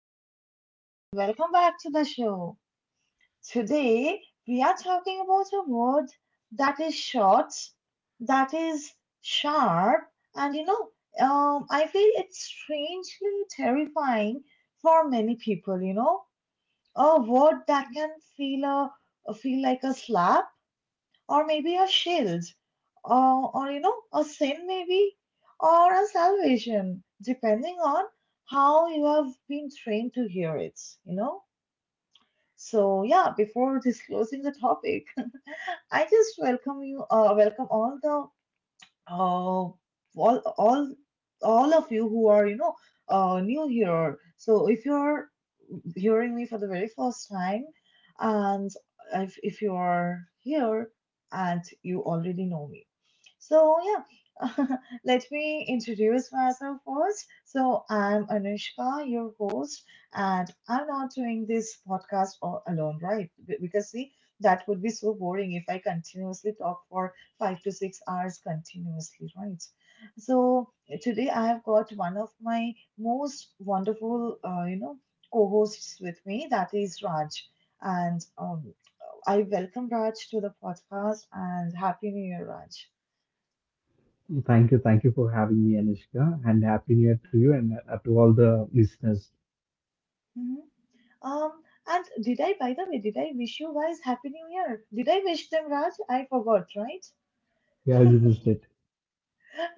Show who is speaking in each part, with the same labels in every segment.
Speaker 1: guys, and welcome back to the show. Today, we are talking about a word that is short, that is sharp, and I feel it's strangely terrifying for many people. You know, a word that can feel feel like a slap, or maybe a shield, or a sin maybe, or a salvation, depending on how you have been trained to hear it, you know. So yeah, before disclosing the topic, I just welcome you, welcome all the uh, all all all of you who are new here. So if you're hearing me for the very first time, and if you are here and you already know me, so yeah. Let me introduce myself first. So I'm Anushka, your host, and I'm not doing this podcast all alone, right? Because see, that would be so boring if I continuously talk for 5 to 6 hours continuously, right? So today I have got one of my most wonderful, co-hosts with me. That is Raj, and I welcome Raj to the podcast and Happy New Year, Raj.
Speaker 2: Thank you. Thank you for having me, Anushka, and Happy New Year to you and to all the listeners.
Speaker 1: Mhm. Um, and did I, by the way, did I wish you guys Happy New Year? Did I wish them, Raj? I forgot, right?
Speaker 2: Yeah, you missed it.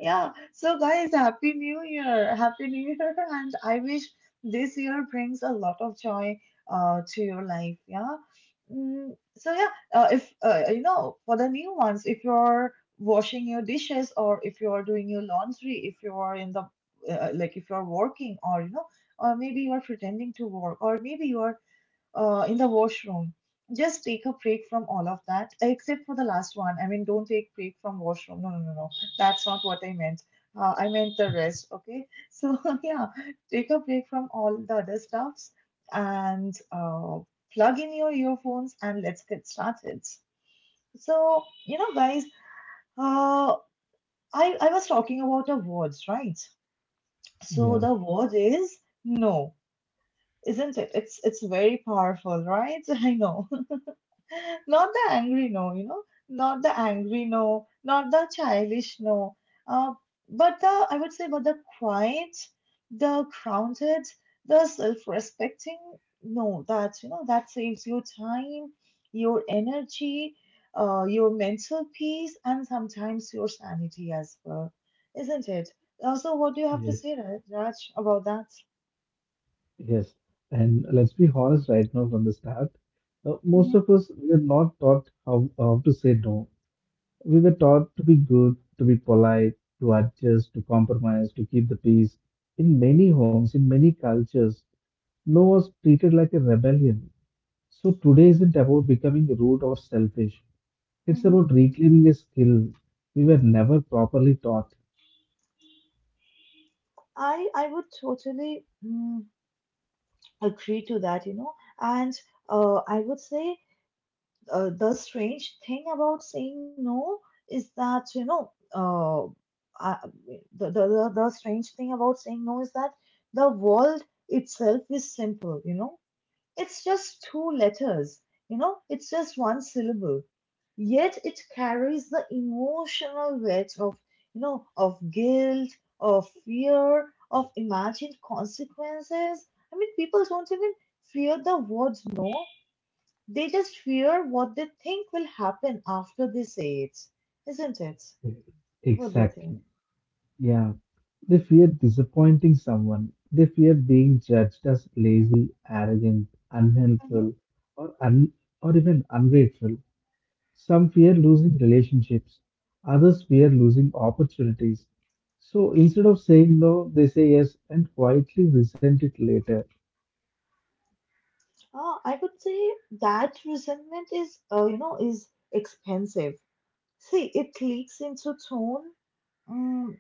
Speaker 1: Yeah. So, guys, Happy New Year! Happy New Year! And I wish this year brings a lot of joy to your life. Yeah. So yeah, if you know, for the new ones, if you're washing your dishes or if you're doing your laundry, if you're in the like if you're working or you know, or maybe you're pretending to work, or maybe you're in the washroom. Just take a break from all of that, except for the last one. I mean, don't take break from washroom. No, no, no, no. That's not what I meant. I meant the rest. Okay. So yeah, take a break from all the other stuffs and plug in your earphones and let's get started. So you know, guys, uh, I was talking about the words, right? So
Speaker 2: Yeah,
Speaker 1: the word is no, isn't it? It's very powerful, right? I know. Not the angry no, you know, not the angry no, not the childish no, uh, but the, I would say, but the quiet, the grounded, the self-respecting no, that, you know, that saves your time, your energy, your mental peace, and sometimes your sanity as well, isn't it? Also, what do you have to
Speaker 2: yes,
Speaker 1: say, Raj, about that?
Speaker 2: yes. And let's be honest right now from the start. Most
Speaker 1: Mm-hmm.
Speaker 2: of us were not taught how to say no. We were taught to be good, to be polite, to adjust, to compromise, to keep the peace. In many homes, in many cultures, no was treated like a rebellion. So today isn't about becoming rude or selfish. It's
Speaker 1: Mhm.
Speaker 2: about reclaiming a skill we were never properly taught.
Speaker 1: I would totally agree to that, you know. And I would say the strange thing about saying no is that, you know, I, the strange thing about saying no is that the world itself is simple, you know. It's just two letters, you know, it's just one syllable. Yet it carries the emotional weight of, you know, of guilt, of fear, of imagined consequences. I mean, people don't even fear the words no, they just fear what they think will happen after they say it, isn't it? What do you think?
Speaker 2: Exactly. Yeah. They fear disappointing someone. They fear being judged as lazy, arrogant,
Speaker 1: Mm-hmm.
Speaker 2: unhelpful, or un- or even ungrateful. Some fear losing relationships. Others fear losing opportunities. So instead of saying no, they say yes and quietly resent it later.
Speaker 1: I would say that resentment is, is expensive. See, it leaks into tone, Mm,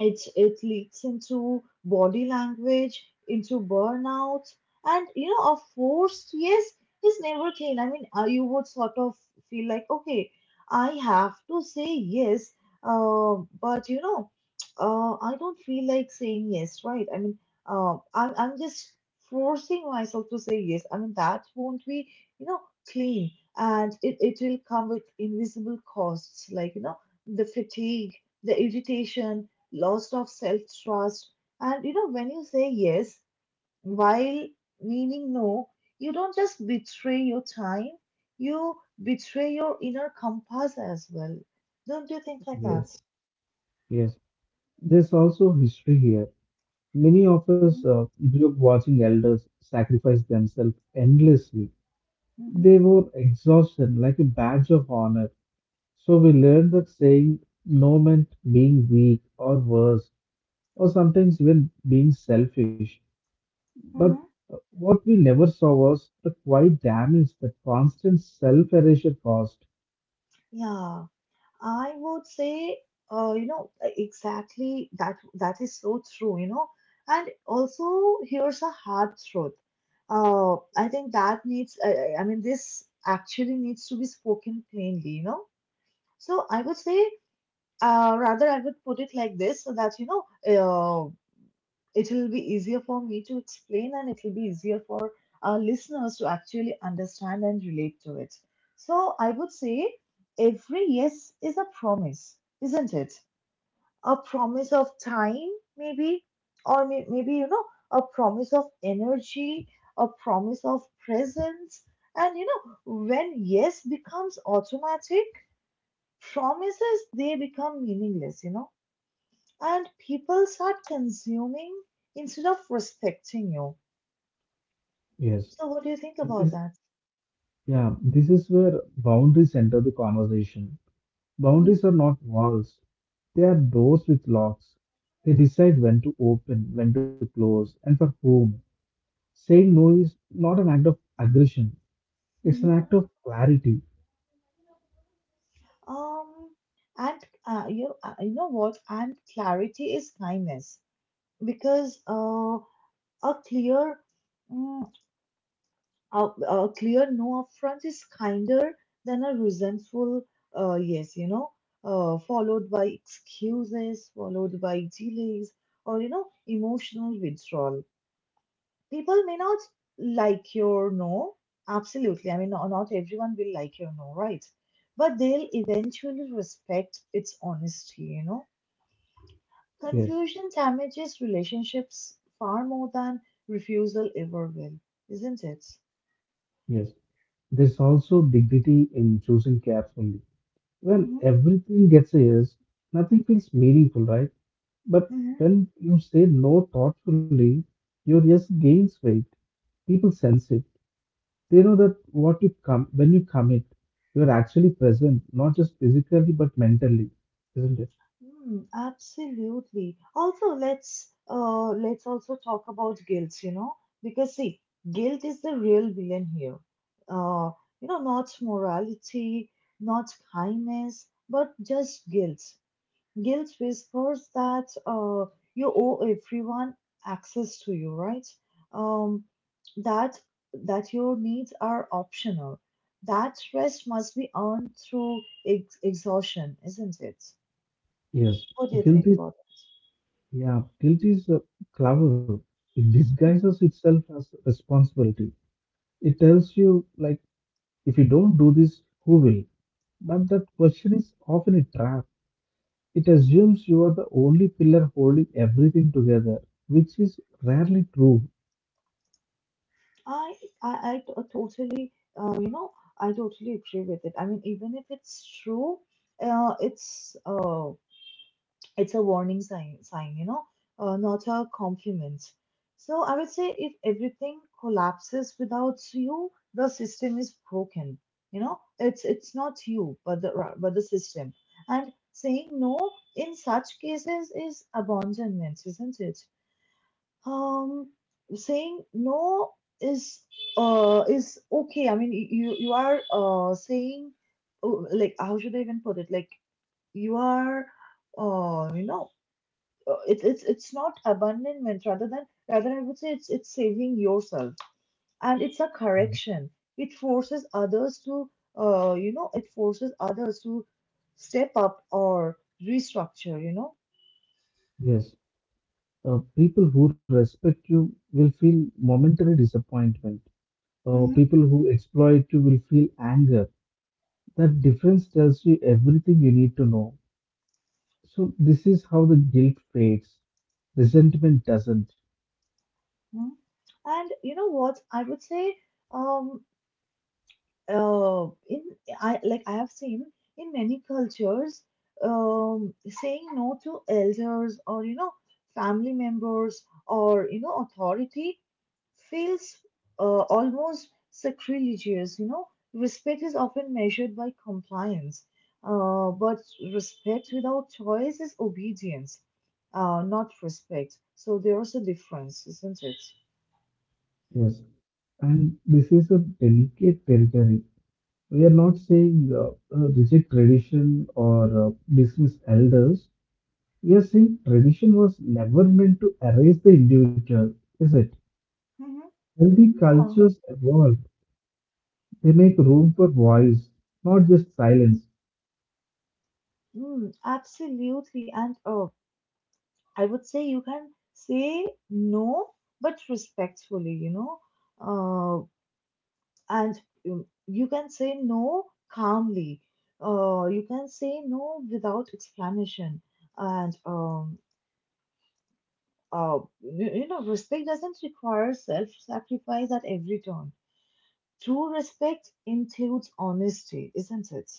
Speaker 1: it leaks into body language, into burnout, and you know, a forced yes is never clean. I mean, you would sort of feel like, okay, I have to say yes, but I don't feel like saying yes, right? I mean, I'm just forcing myself to say yes. I mean, that won't be, you know, clean, and it will come with invisible costs, like you know, the fatigue, the irritation loss of self trust. And you know, when you say yes while meaning no, you don't just betray your time, you betray your inner compass as well. Don't you think like
Speaker 2: Yes.
Speaker 1: that?
Speaker 2: Yes. There's also history here. Many of us
Speaker 1: Hmm
Speaker 2: grew up watching elders sacrifice themselves endlessly.
Speaker 1: hmm
Speaker 2: They wore exhaustion like a badge of honor. So we learned that saying no meant being weak or worse, or sometimes even being selfish. But
Speaker 1: Mm-hmm.
Speaker 2: what we never saw was the quiet damage that constant self erasure caused.
Speaker 1: Yeah, I would say, exactly that that is so true, you know. And also, here's a hard truth. I think that needs, I mean, this actually needs to be spoken plainly, you know. So I would say, rather, I would put it like this so that, it will be easier for me to explain and it will be easier for our listeners to actually understand and relate to it. So I would say every yes is a promise, isn't it? A promise of time, maybe, or maybe, you know, a promise of energy, a promise of presence. And, you know, when yes becomes automatic, promises they become meaningless, you know, and people start consuming instead of respecting you.
Speaker 2: Yes,
Speaker 1: So, what do you think
Speaker 2: this
Speaker 1: about
Speaker 2: is
Speaker 1: that?
Speaker 2: yeah, this is where boundaries enter the conversation.
Speaker 1: Hmm
Speaker 2: Boundaries are not walls, they are doors with locks. They decide when to open, when to close, and for whom. Saying no is not an act of aggression, it's
Speaker 1: hmm
Speaker 2: an act of clarity.
Speaker 1: Um, and you know what? And clarity is kindness because a clear mm, a clear no upfront is kinder than a resentful yes, you know, followed by excuses, followed by delays, or, you know, emotional withdrawal. People may not like your no, absolutely. I mean, not everyone will like your no, right? But they'll eventually respect its honesty, you know.
Speaker 2: Yes,
Speaker 1: Confusion damages relationships far more than refusal ever will, isn't it?
Speaker 2: yes. There's also dignity in choosing carefully. When
Speaker 1: Mm-hmm.
Speaker 2: everything gets a yes, nothing feels meaningful, right? But
Speaker 1: Mm-hmm.
Speaker 2: when you say no thoughtfully, your yes gains weight. People sense it. They know that what you come when you commit, you are actually present, not just physically but mentally, isn't it?
Speaker 1: Mm, absolutely. Also, let's also talk about guilt, you know, because see, guilt is the real villain here. Uh, you know, not morality, not kindness, but just guilt. Guilt whispers that you owe everyone access to you, right? Um, that that your needs are optional. That rest must be earned through ex exhaustion, isn't it?
Speaker 2: Yes,
Speaker 1: What do you
Speaker 2: guilt
Speaker 1: think
Speaker 2: is
Speaker 1: about this?
Speaker 2: yeah, guilt is clever. It disguises
Speaker 1: Mhm.
Speaker 2: itself as responsibility. It tells you like if you don't do this, who will? But that question is often a trap. It assumes you are the only pillar holding everything together, which is rarely true.
Speaker 1: I I totally, uh, you know, I totally agree with it. I mean, even if it's true, uh, it's uh, it's a sign, you know, not a compliment. So I would say if everything collapses without you, the system is broken. You know, it's not you, but but the system. And saying no in such cases is abandonment, isn't it? Um, Saying no is is okay. I mean, you are saying oh, like how should I even put it? Like you are uh you know it's not abandonment rather I would say it's saving yourself and it's a correction. It forces others to it forces others to step up or restructure. You know.
Speaker 2: Yes. People who respect you will feel momentary disappointment.
Speaker 1: Mm-hmm.
Speaker 2: People who exploit you will feel anger. That difference tells you everything you need to know. So, this is how the guilt fades, resentment doesn't.
Speaker 1: Mm-hmm. And you know what I would say. Um, in I like I have seen in many cultures, saying no to elders or you know family members or you know authority feels almost sacrilegious. You know, respect is often measured by compliance, but respect without choice is obedience, not respect. So there is a difference, isn't it?
Speaker 2: Yes. And this is a delicate territory. We are not saying reject tradition or dismiss elders. We are saying tradition was never meant to erase the individual, is it? Healthy
Speaker 1: Hmm
Speaker 2: cultures evolve. They make room for voice, not just silence.
Speaker 1: Mm, absolutely. And oh, I would say you can say no, but respectfully, you know. Uh, and You can say no calmly. You can say no without explanation. And you know, respect doesn't require self-sacrifice at every turn. True respect includes honesty, isn't it?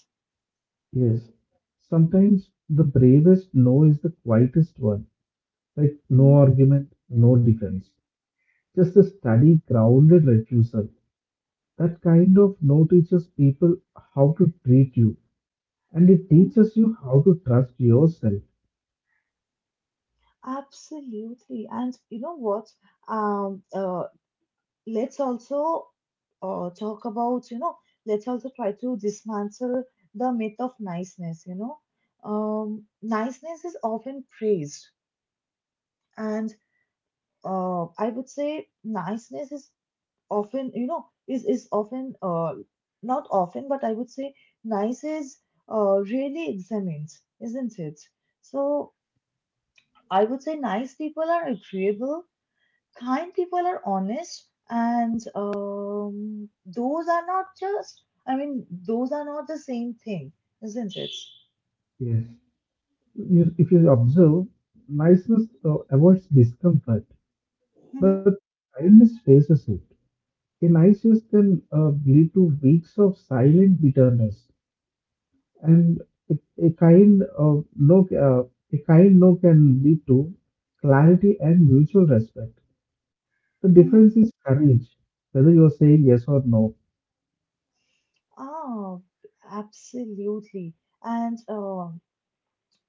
Speaker 2: Yes. Sometimes the bravest no is the quietest one, like no
Speaker 1: Mhm.
Speaker 2: argument, no defense, just a steady, grounded refusal. That kind of no teaches people how to treat you, and it teaches you how to trust yourself.
Speaker 1: Absolutely. And you know what? Um, uh, let's also talk about you know let's also try to dismantle the myth of niceness you know niceness is often praised and I would say niceness is often is often not often but I would say nice is really examined isn't it so I would say nice people are agreeable kind people are honest and those are not just I mean those are not the same thing isn't it
Speaker 2: Yes. You- If you observe, niceness avoids discomfort, but
Speaker 1: hmm
Speaker 2: kindness faces it. Alliances can lead to weeks of silent bitterness, and a kind of no, a kind no can lead to clarity and mutual respect. The
Speaker 1: hmm
Speaker 2: difference is courage, whether you are saying yes or no.
Speaker 1: Oh, absolutely and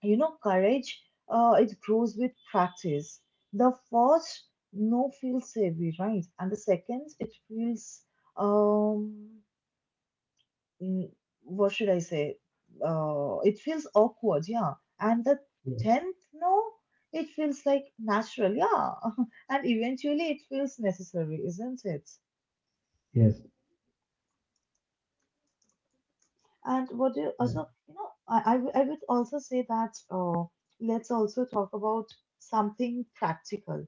Speaker 1: you know courage it grows with practice the first no feels heavy right and the second it feels um mm, what should I say? It feels awkward, yeah. And the
Speaker 2: Yes.
Speaker 1: tenth no, it feels like natural, yeah. And eventually it feels necessary, isn't it?
Speaker 2: Yes.
Speaker 1: And what do you also,
Speaker 2: Correct.
Speaker 1: I would also say that let's also talk about something practical.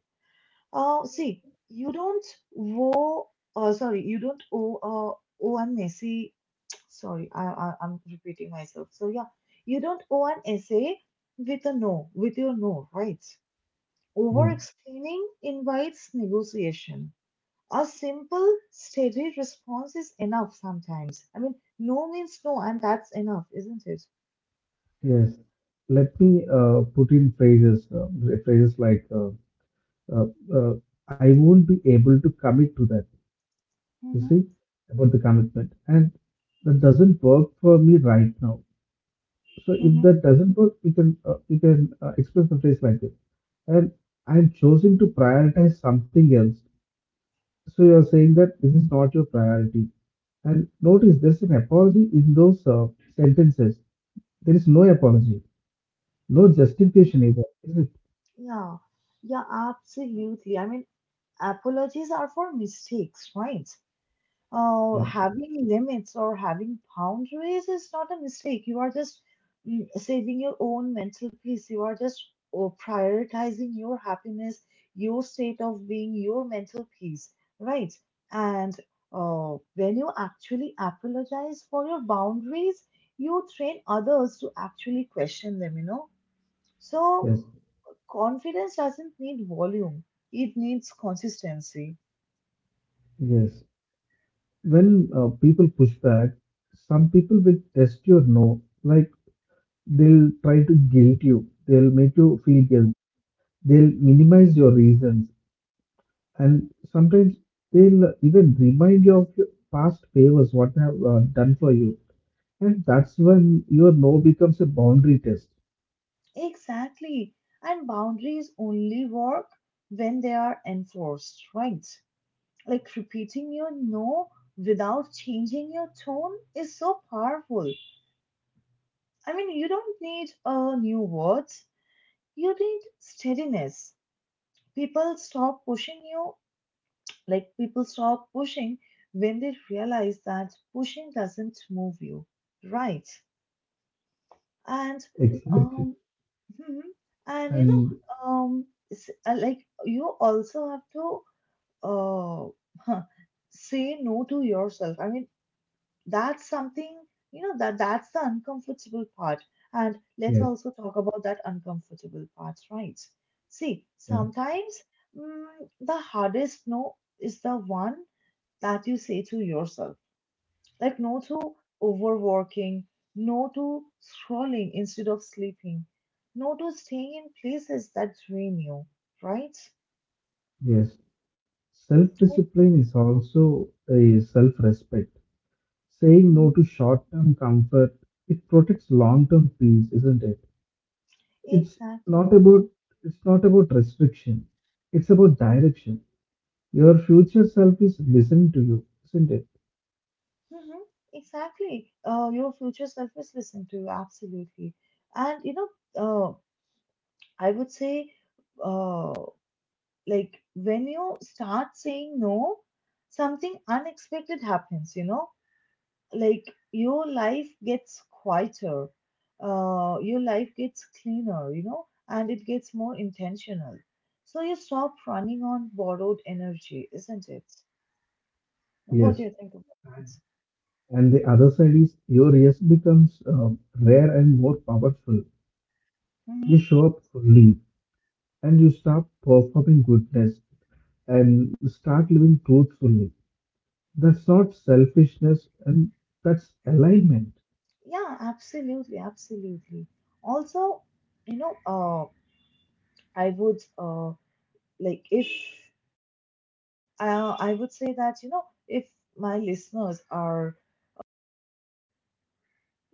Speaker 1: See, you don't owe, you don't owe, owe a messy Sorry, I, I'm repeating myself. So, yeah, you don't owe an essay with your no, right? Over
Speaker 2: Yeah,
Speaker 1: explaining invites negotiation. A simple, steady response is enough sometimes. I mean, no means no, and that's enough, isn't it?
Speaker 2: yes. Let me put in phrases, phrases like uh, uh, "I won't be able to commit to that." You
Speaker 1: Mm-hmm,
Speaker 2: see about the commitment, and that doesn't work for me right now. So if
Speaker 1: mm-hmm,
Speaker 2: that doesn't work, you can express the phrase like this. And I'm choosing to
Speaker 1: mm-hmm.
Speaker 2: prioritize something else. So you're saying that this is not your priority. And notice there's an apology in those sentences. There is no apology, no justification either, is it?
Speaker 1: Yeah, yeah, absolutely. I mean, apologies are for mistakes, right?
Speaker 2: Yeah.
Speaker 1: Having limits or having boundaries is not a mistake. You are just saving your own mental peace. You are just oh, prioritizing your happiness, your state of being, your mental peace, right? And when you actually apologize for your boundaries, you train others to actually question them, you know? So,
Speaker 2: Yes.
Speaker 1: confidence doesn't need volume, it needs consistency.
Speaker 2: Yes. When people push back, some people will test your no. Like they'll try to guilt you. They'll make you feel guilt. They'll minimize your reasons. And sometimes they'll even remind you of your past favors, what they have done for you. And that's when your no becomes a boundary test.
Speaker 1: Exactly. And boundaries only work when they are enforced, right? Like repeating your no without changing your tone is so powerful. I mean, you don't need new words, you need steadiness. People stop pushing you, like people stop pushing when they realize that pushing doesn't move you, right? And um,
Speaker 2: Exactly.
Speaker 1: Mhm. And you know,
Speaker 2: And
Speaker 1: like you also have to uh, huh, say no to yourself. I mean, that's something you know that that's the uncomfortable part. And let's
Speaker 2: yes,
Speaker 1: also talk about that uncomfortable part, right? See,
Speaker 2: yeah,
Speaker 1: sometimes the hardest no is the one that you say to yourself. Like, no to overworking, no to scrolling instead of sleeping, no to staying in places that drain you, right?
Speaker 2: yes.
Speaker 1: Like,
Speaker 2: Self-discipline is also a self-respect. Saying no
Speaker 1: mhm.
Speaker 2: to short-term comfort, it protects long-term peace, isn't it? It's not
Speaker 1: Exactly.
Speaker 2: about it's not about restriction. It's about direction. Your future self is listening to you, isn't it?
Speaker 1: Hmm. Exactly. Your future self is listening to you, absolutely. And you know, uh, I would say, uh, like when you start saying no, something unexpected happens, you know, like your life gets quieter, your life gets cleaner, you know, and it gets more intentional. So you stop running on borrowed energy, isn't it?
Speaker 2: Yes.
Speaker 1: What do you think about that?
Speaker 2: And the other side is your yes becomes rare and more powerful. You
Speaker 1: Mhm.
Speaker 2: show up fully and you stop performing goodness and start living truthfully. That's not selfishness and that's alignment.
Speaker 1: Yeah, absolutely, absolutely. Also, you know, I would like if I would say that, you know, if my listeners are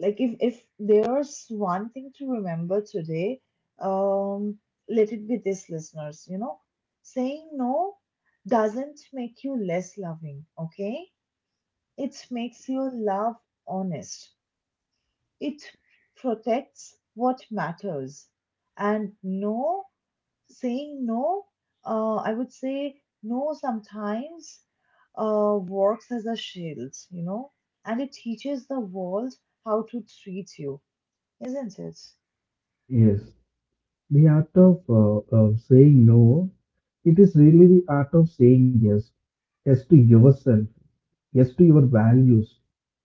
Speaker 1: Like if if there's one thing to remember today, um, let it be this, listeners. You know, saying no doesn't make you less loving. Okay, it makes you love honest. It protects what matters, and no saying no. I would say no sometimes works as a shield, you know, and it teaches the world how to treat you, isn't it?
Speaker 2: Yes, the art of saying no, it is really the art of saying yes. Yes to yourself, yes to your values,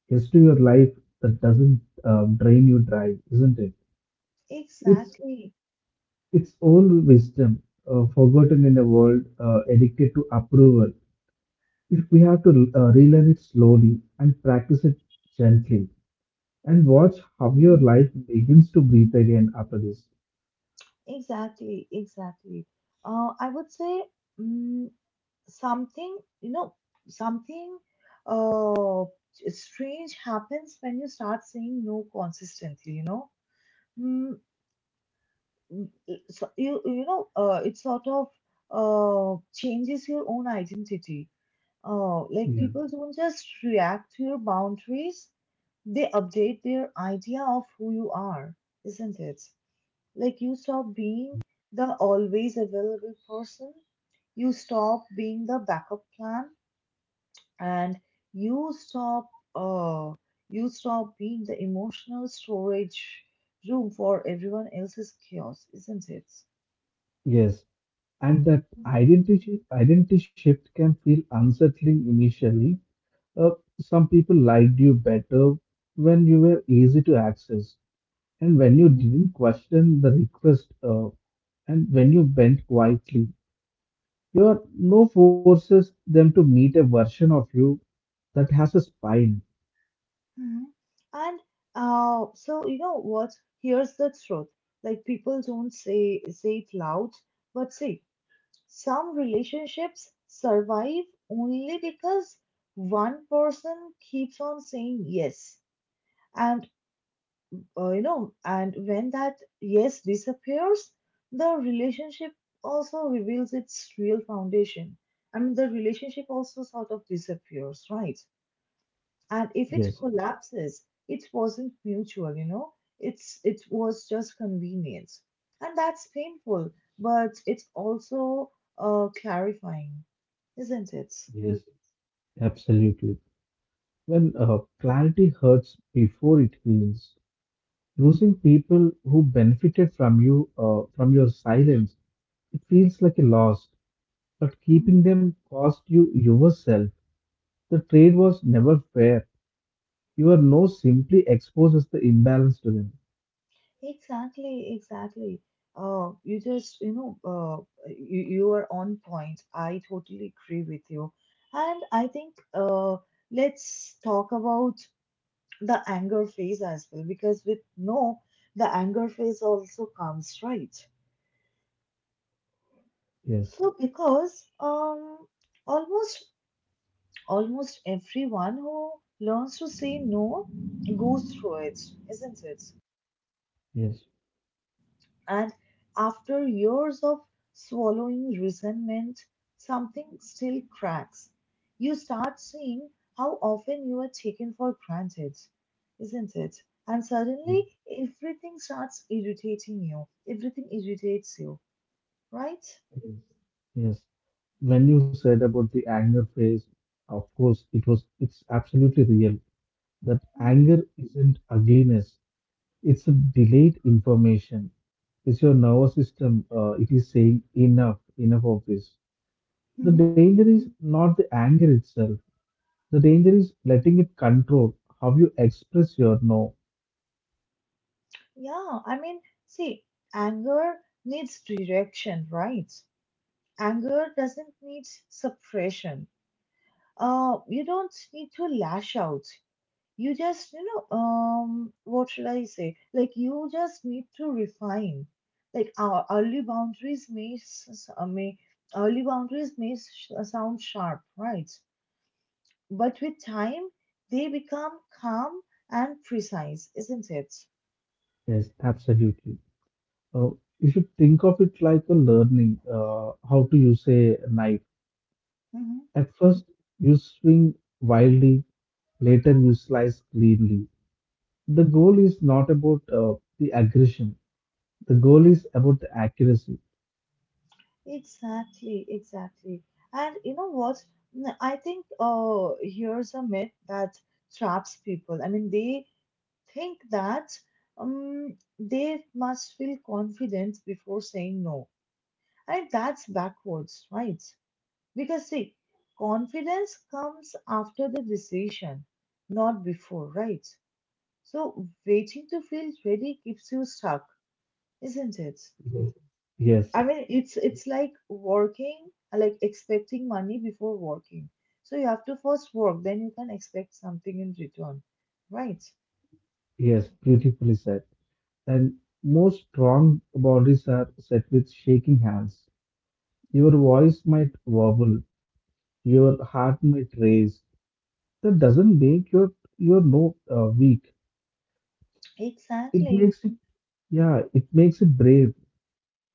Speaker 2: yes to your life that doesn't drain you dry, isn't it? It's
Speaker 1: Exactly.
Speaker 2: It's old wisdom, forgotten in a world addicted to approval. If we have to relearn it slowly and practice it gently, and watch how your
Speaker 1: Mhm.
Speaker 2: life begins to breathe again after this.
Speaker 1: Exactly. Exactly. I would say mm something, you know, something uh, strange happens when you start saying no consistently, you know. Mm, so you know, it sort of changes your own identity. Like
Speaker 2: Yeah.
Speaker 1: people don't just react to your boundaries, they update their idea of who you are, isn't it? Like you stop being the always available person, you stop being the backup plan, and you stop uh you stop being the emotional storage room for everyone else's chaos, isn't it?
Speaker 2: Yes, and that
Speaker 1: Mhm.
Speaker 2: identity shift can feel unsettling initially. Uh, some people liked you better when you were easy to access, and when you didn't question the request, and when you bent quietly. Your no forces them to meet a version of you that has a spine.
Speaker 1: Mhm. And so you know what? Here's the truth. Like people don't say it loud, but say some relationships survive only because one person keeps on saying yes. And you know, and when that yes disappears, the relationship also reveals its real foundation. I mean, the relationship also sort of disappears, right? And if it
Speaker 2: Yes,
Speaker 1: collapses, it wasn't mutual, you know, it was just convenience, and that's painful, but it's also clarifying, isn't it?
Speaker 2: yes, absolutely. When clarity hurts before it heals, losing people who benefited from you, from your silence, it feels like a loss. But
Speaker 1: Mhm.
Speaker 2: keeping them cost you yourself. The trade was never fair. Your no simply exposes the imbalance to them.
Speaker 1: Exactly, exactly. You just, you know, you are on point. I totally agree with you. And I think let's talk about the anger phase as well, because with no, the anger phase also comes, right?
Speaker 2: Yes,
Speaker 1: So, because almost almost everyone who learns to say no goes through it, isn't it?
Speaker 2: yes.
Speaker 1: And after years of swallowing resentment, something still cracks. You start seeing how often you are taken for granted, isn't it? And
Speaker 2: Yes.
Speaker 1: suddenly everything starts irritating you. Everything irritates you, right?
Speaker 2: Yes, yes. When you said about the anger phase, of course, it was, it's absolutely real that
Speaker 1: Mhm.
Speaker 2: anger isn't ugliness, it's a delayed information. It's your nervous system, it is saying enough, enough of this. The danger is not the anger itself, the danger is letting it control how you express your no.
Speaker 1: Yeah, I mean, see, anger needs direction, right? Anger doesn't need suppression. You don't need to lash out. You just, you know, what should I say? Like, you just need to refine. Like, our early boundaries may early boundaries may sound sharp, right? But with time, they become calm and precise, isn't it?
Speaker 2: Yes, absolutely. Uh, you should think of it like a learning, how to use a knife.
Speaker 1: Mm-hmm.
Speaker 2: At first, you swing wildly, later, you slice cleanly. The goal is not about the aggression, the goal is about the accuracy.
Speaker 1: Exactly, exactly. And you know what? I think here's a myth that traps people. I mean, they think that they must feel confident before saying no. And that's backwards, right? Because, see, confidence comes after the decision, not before, right? So, waiting to feel ready keeps you stuck, isn't it?
Speaker 2: Mhm. Yes,
Speaker 1: I mean, it's like working, like expecting money before working. So you have to first work, then you can expect something in return, right?
Speaker 2: yes, beautifully said. And most strong bodies are set with shaking hands. Your voice might wobble, your heart might race. That doesn't make your note weak. It
Speaker 1: Exactly.
Speaker 2: makes it, yeah, it makes it brave.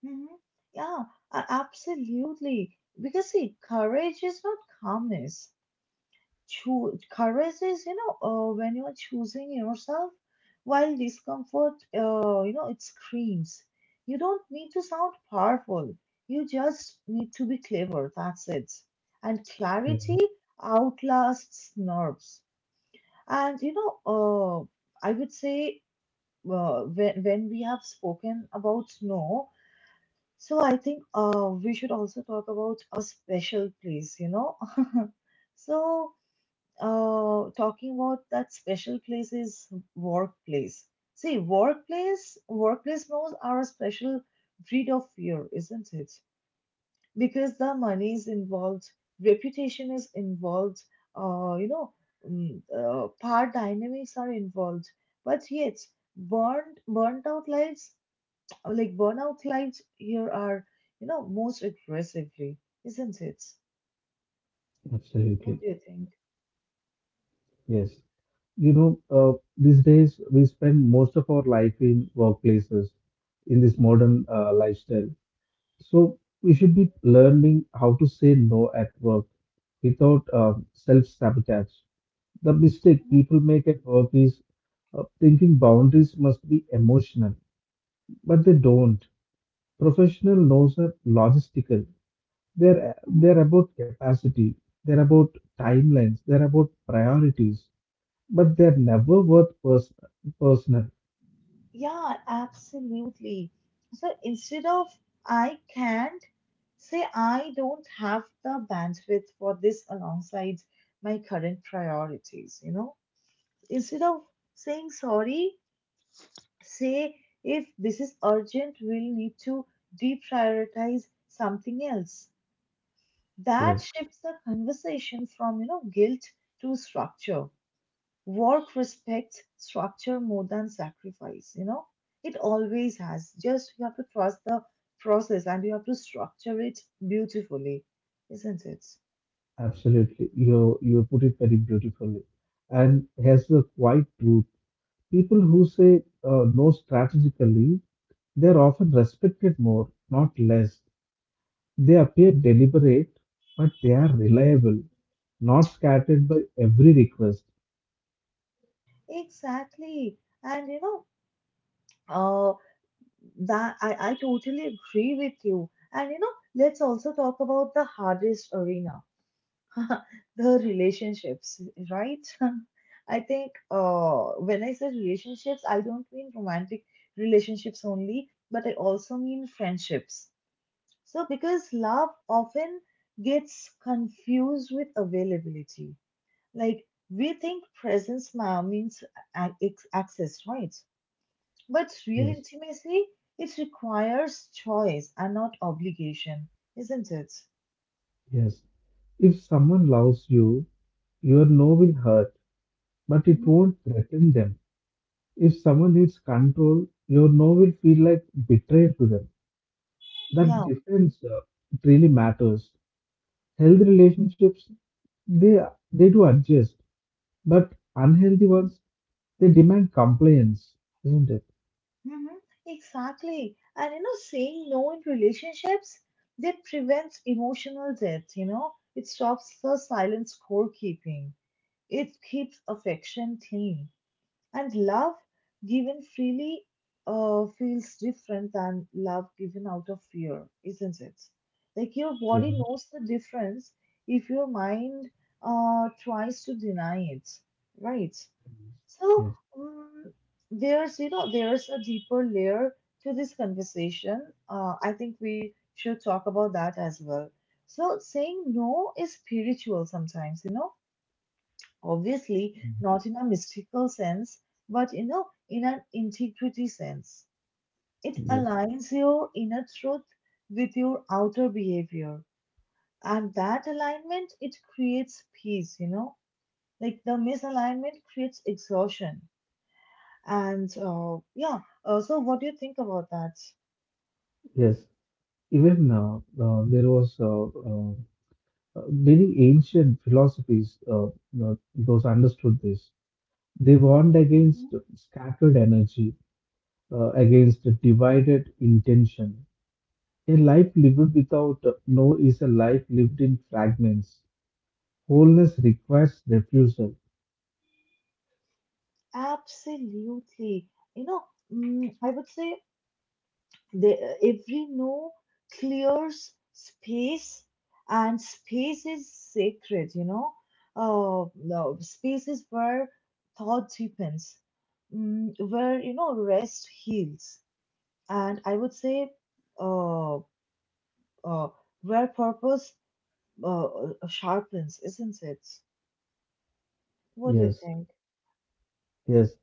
Speaker 1: Hmm. Yeah, absolutely. Because see, courage is not calmness. Courage is, you know, when you're choosing yourself while discomfort, you know, it screams. You don't need to sound powerful. You just need to be clever. That's it. And
Speaker 2: Yeah,
Speaker 1: clarity outlasts nerves. And, you know, I would say when we have spoken about no, so I think we should also talk about a special place, you know. So, talking about that special place is workplace. See, workplace laws are a special breed of fear, isn't it? Because the money is involved, reputation is involved, you know, power dynamics are involved. But yet, burnt out lives, like burnout lives here are, you know, most aggressively, isn't it?
Speaker 2: absolutely.
Speaker 1: What do you think?
Speaker 2: Yes. You know, these days we spend most of our life in workplaces in this modern lifestyle. So we should be learning how to say no at work without self sabotage. The mistake people make at work is thinking boundaries must be emotional, but they don't. Professional no's are logistical.
Speaker 1: Mhm.
Speaker 2: They're about capacity. They're about timelines. They're about priorities but they're never worth personal.
Speaker 1: Yeah, absolutely. So instead of I can't, say I don't have the bandwidth for this alongside my current priorities, you know? Instead of saying sorry, say if this is urgent, we'll need to deprioritize something else. That
Speaker 2: Yes,
Speaker 1: shifts the conversation from, you know, guilt to structure. Work respects structure more than sacrifice, you know? It always has. Just you have to trust the process and you have to structure it beautifully, isn't it?
Speaker 2: absolutely. You put it very beautifully, and here's the quiet truth: people who say no strategically, they're often respected more, not less. They appear deliberate, but they are reliable, not scattered by every request.
Speaker 1: Exactly. And you know, uh, I totally agree with you. And you know, let's also talk about the hardest arena, the relationships, right? I think when I say relationships, I don't mean romantic relationships only, but I also mean friendships. So, because love often gets confused with availability. Like, we think means access, right? But real
Speaker 2: Yes,
Speaker 1: intimacy, it requires choice and not obligation, isn't it?
Speaker 2: yes. If someone loves you, your no will hurt, but it
Speaker 1: Mhm.
Speaker 2: won't threaten them. If someone needs control, your no will feel like betrayal to them. That
Speaker 1: Yeah,
Speaker 2: difference it really matters. Healthy relationships, they they do adjust, but unhealthy ones, they demand compliance, isn't it?
Speaker 1: hmm. Exactly. And you know, saying no in relationships, that prevents emotional debt, you know. It stops the silent scorekeeping. It keeps affection clean. And love given freely feels different than love given out of fear, isn't it? Like your body
Speaker 2: Yeah.
Speaker 1: knows the difference if your mind tries to deny it, right? So
Speaker 2: Yes.
Speaker 1: um, there's you know there's a deeper layer to this conversation. I think we should talk about that as well. So saying no is spiritual sometimes, you know, obviously
Speaker 2: Mm.
Speaker 1: not in a mystical sense, but you know in an integrity sense. It
Speaker 2: Yes,
Speaker 1: aligns your inner truth with your outer behavior, and that alignment it creates peace, you know. Like the misalignment creates exhaustion and so what do you think about that?
Speaker 2: yes. Even there was many ancient philosophies those understood this. They warned against scattered energy, against a divided intention. A life lived without no is a life lived in fragments. Wholeness requires refusal.
Speaker 1: Absolutely. You know, I would say every no clears space, and space is sacred, you know. No, space is where thought deepens, where, you know, rest heals. And I would say uh, uh, where purpose sharpens, isn't it? What do you
Speaker 2: Yes,
Speaker 1: think?
Speaker 2: yes.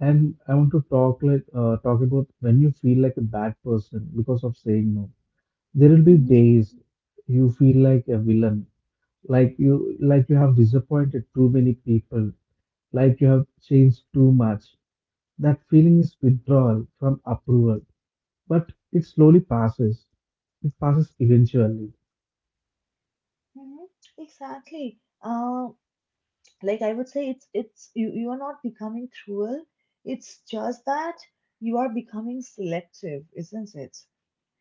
Speaker 2: And I want to talk talk about when you feel like a bad person because of saying no. There will be days you feel like a villain, like you have disappointed too many people, like you have changed too much. That feeling is withdrawal from approval, but it slowly passes. It passes eventually.
Speaker 1: Mhm. Exactly. Like I would say, it's you, you are not becoming cruel. It's just that you are becoming selective, isn't it?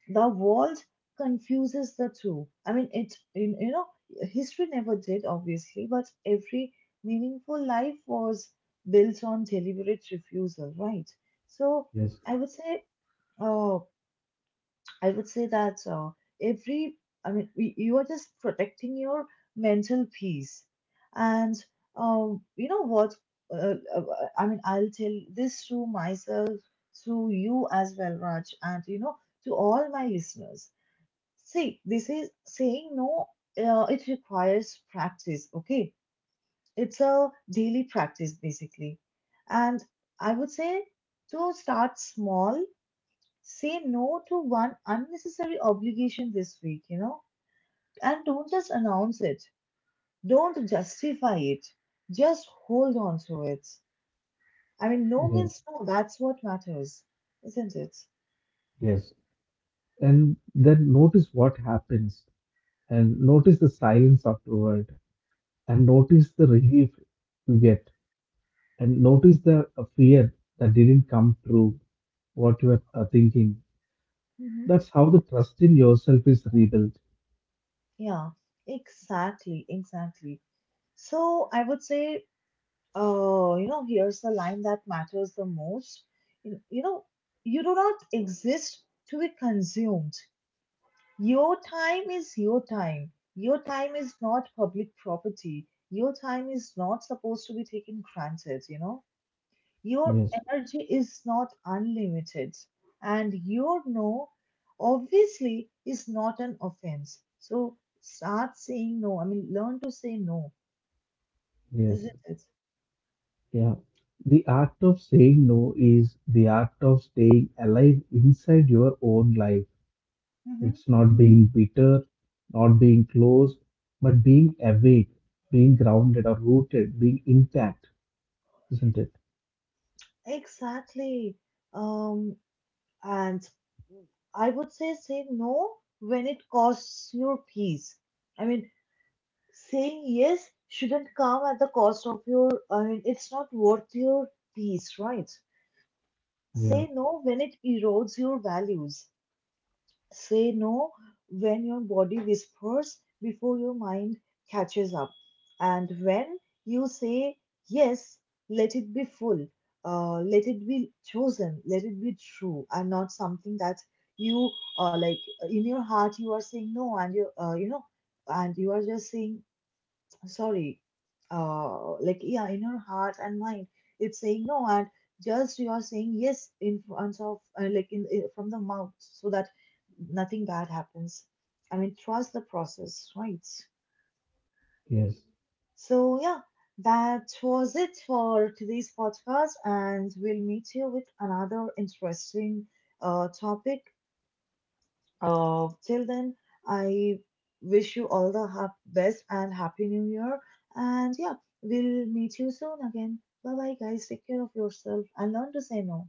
Speaker 1: The world confuses the two. I mean, it in you know history never did, obviously, but every meaningful life was built on deliberate refusal, right? So
Speaker 2: Yes,
Speaker 1: I would say, uh, I would say that uh, every, I mean, you are just protecting your mental peace. And you know what? Uh, uh, I mean, I'll tell this to myself, to you as well, Raj, and you know, to all my listeners. See, this is saying no, it requires practice, okay? It's a daily practice, basically. And I would say to start small. Say no to one unnecessary obligation this week, you know, and don't just announce it. Don't justify it. Just hold on to it. I mean, no
Speaker 2: yes,
Speaker 1: means no. That's what matters, isn't it?
Speaker 2: yes. And then notice what happens, and notice the silence afterward, and notice the relief you get, and notice the fear that didn't come through what you were thinking.
Speaker 1: Hmm.
Speaker 2: That's how the trust in yourself is rebuilt.
Speaker 1: Yeah, exactly, exactly. So I would say, you know, here's the line that matters the most. You know, you do not exist to be consumed. Your time is your time. Your time is not public property. Your time is not supposed to be taken granted, you know. Your
Speaker 2: Yes,
Speaker 1: energy is not unlimited. And your no, obviously, is not an offense. So start saying no. I mean, learn to say no,
Speaker 2: yes.
Speaker 1: isn't it?
Speaker 2: Yeah. The art of saying no is the art of staying alive inside your own life.
Speaker 1: Hmm.
Speaker 2: It's not being bitter, not being closed, but being awake, being grounded or rooted, being intact, isn't it?
Speaker 1: Exactly. Um, and I would say say no when it costs your peace. I mean, saying yes shouldn't come at the cost of your, I mean it's not worth your peace, right?
Speaker 2: Yeah,
Speaker 1: Say no when it erodes your values, say no when your body whispers before your mind catches up, and when you say yes let it be full, let it be chosen, let it be true, and not something that you like in your heart you are saying no, and you you know, and you are just saying sorry, like yeah, in your heart and mind, it's saying no, and just you are saying yes in front of like in from the mouth, so that nothing bad happens. I mean, trust the process, right?
Speaker 2: yes.
Speaker 1: So yeah, that was it for today's podcast, and we'll meet you with another interesting topic. Till then, I wish you all the best and happy new year. And yeah, we'll meet you soon again. Bye bye, guys. Take care of yourself and learn to say no.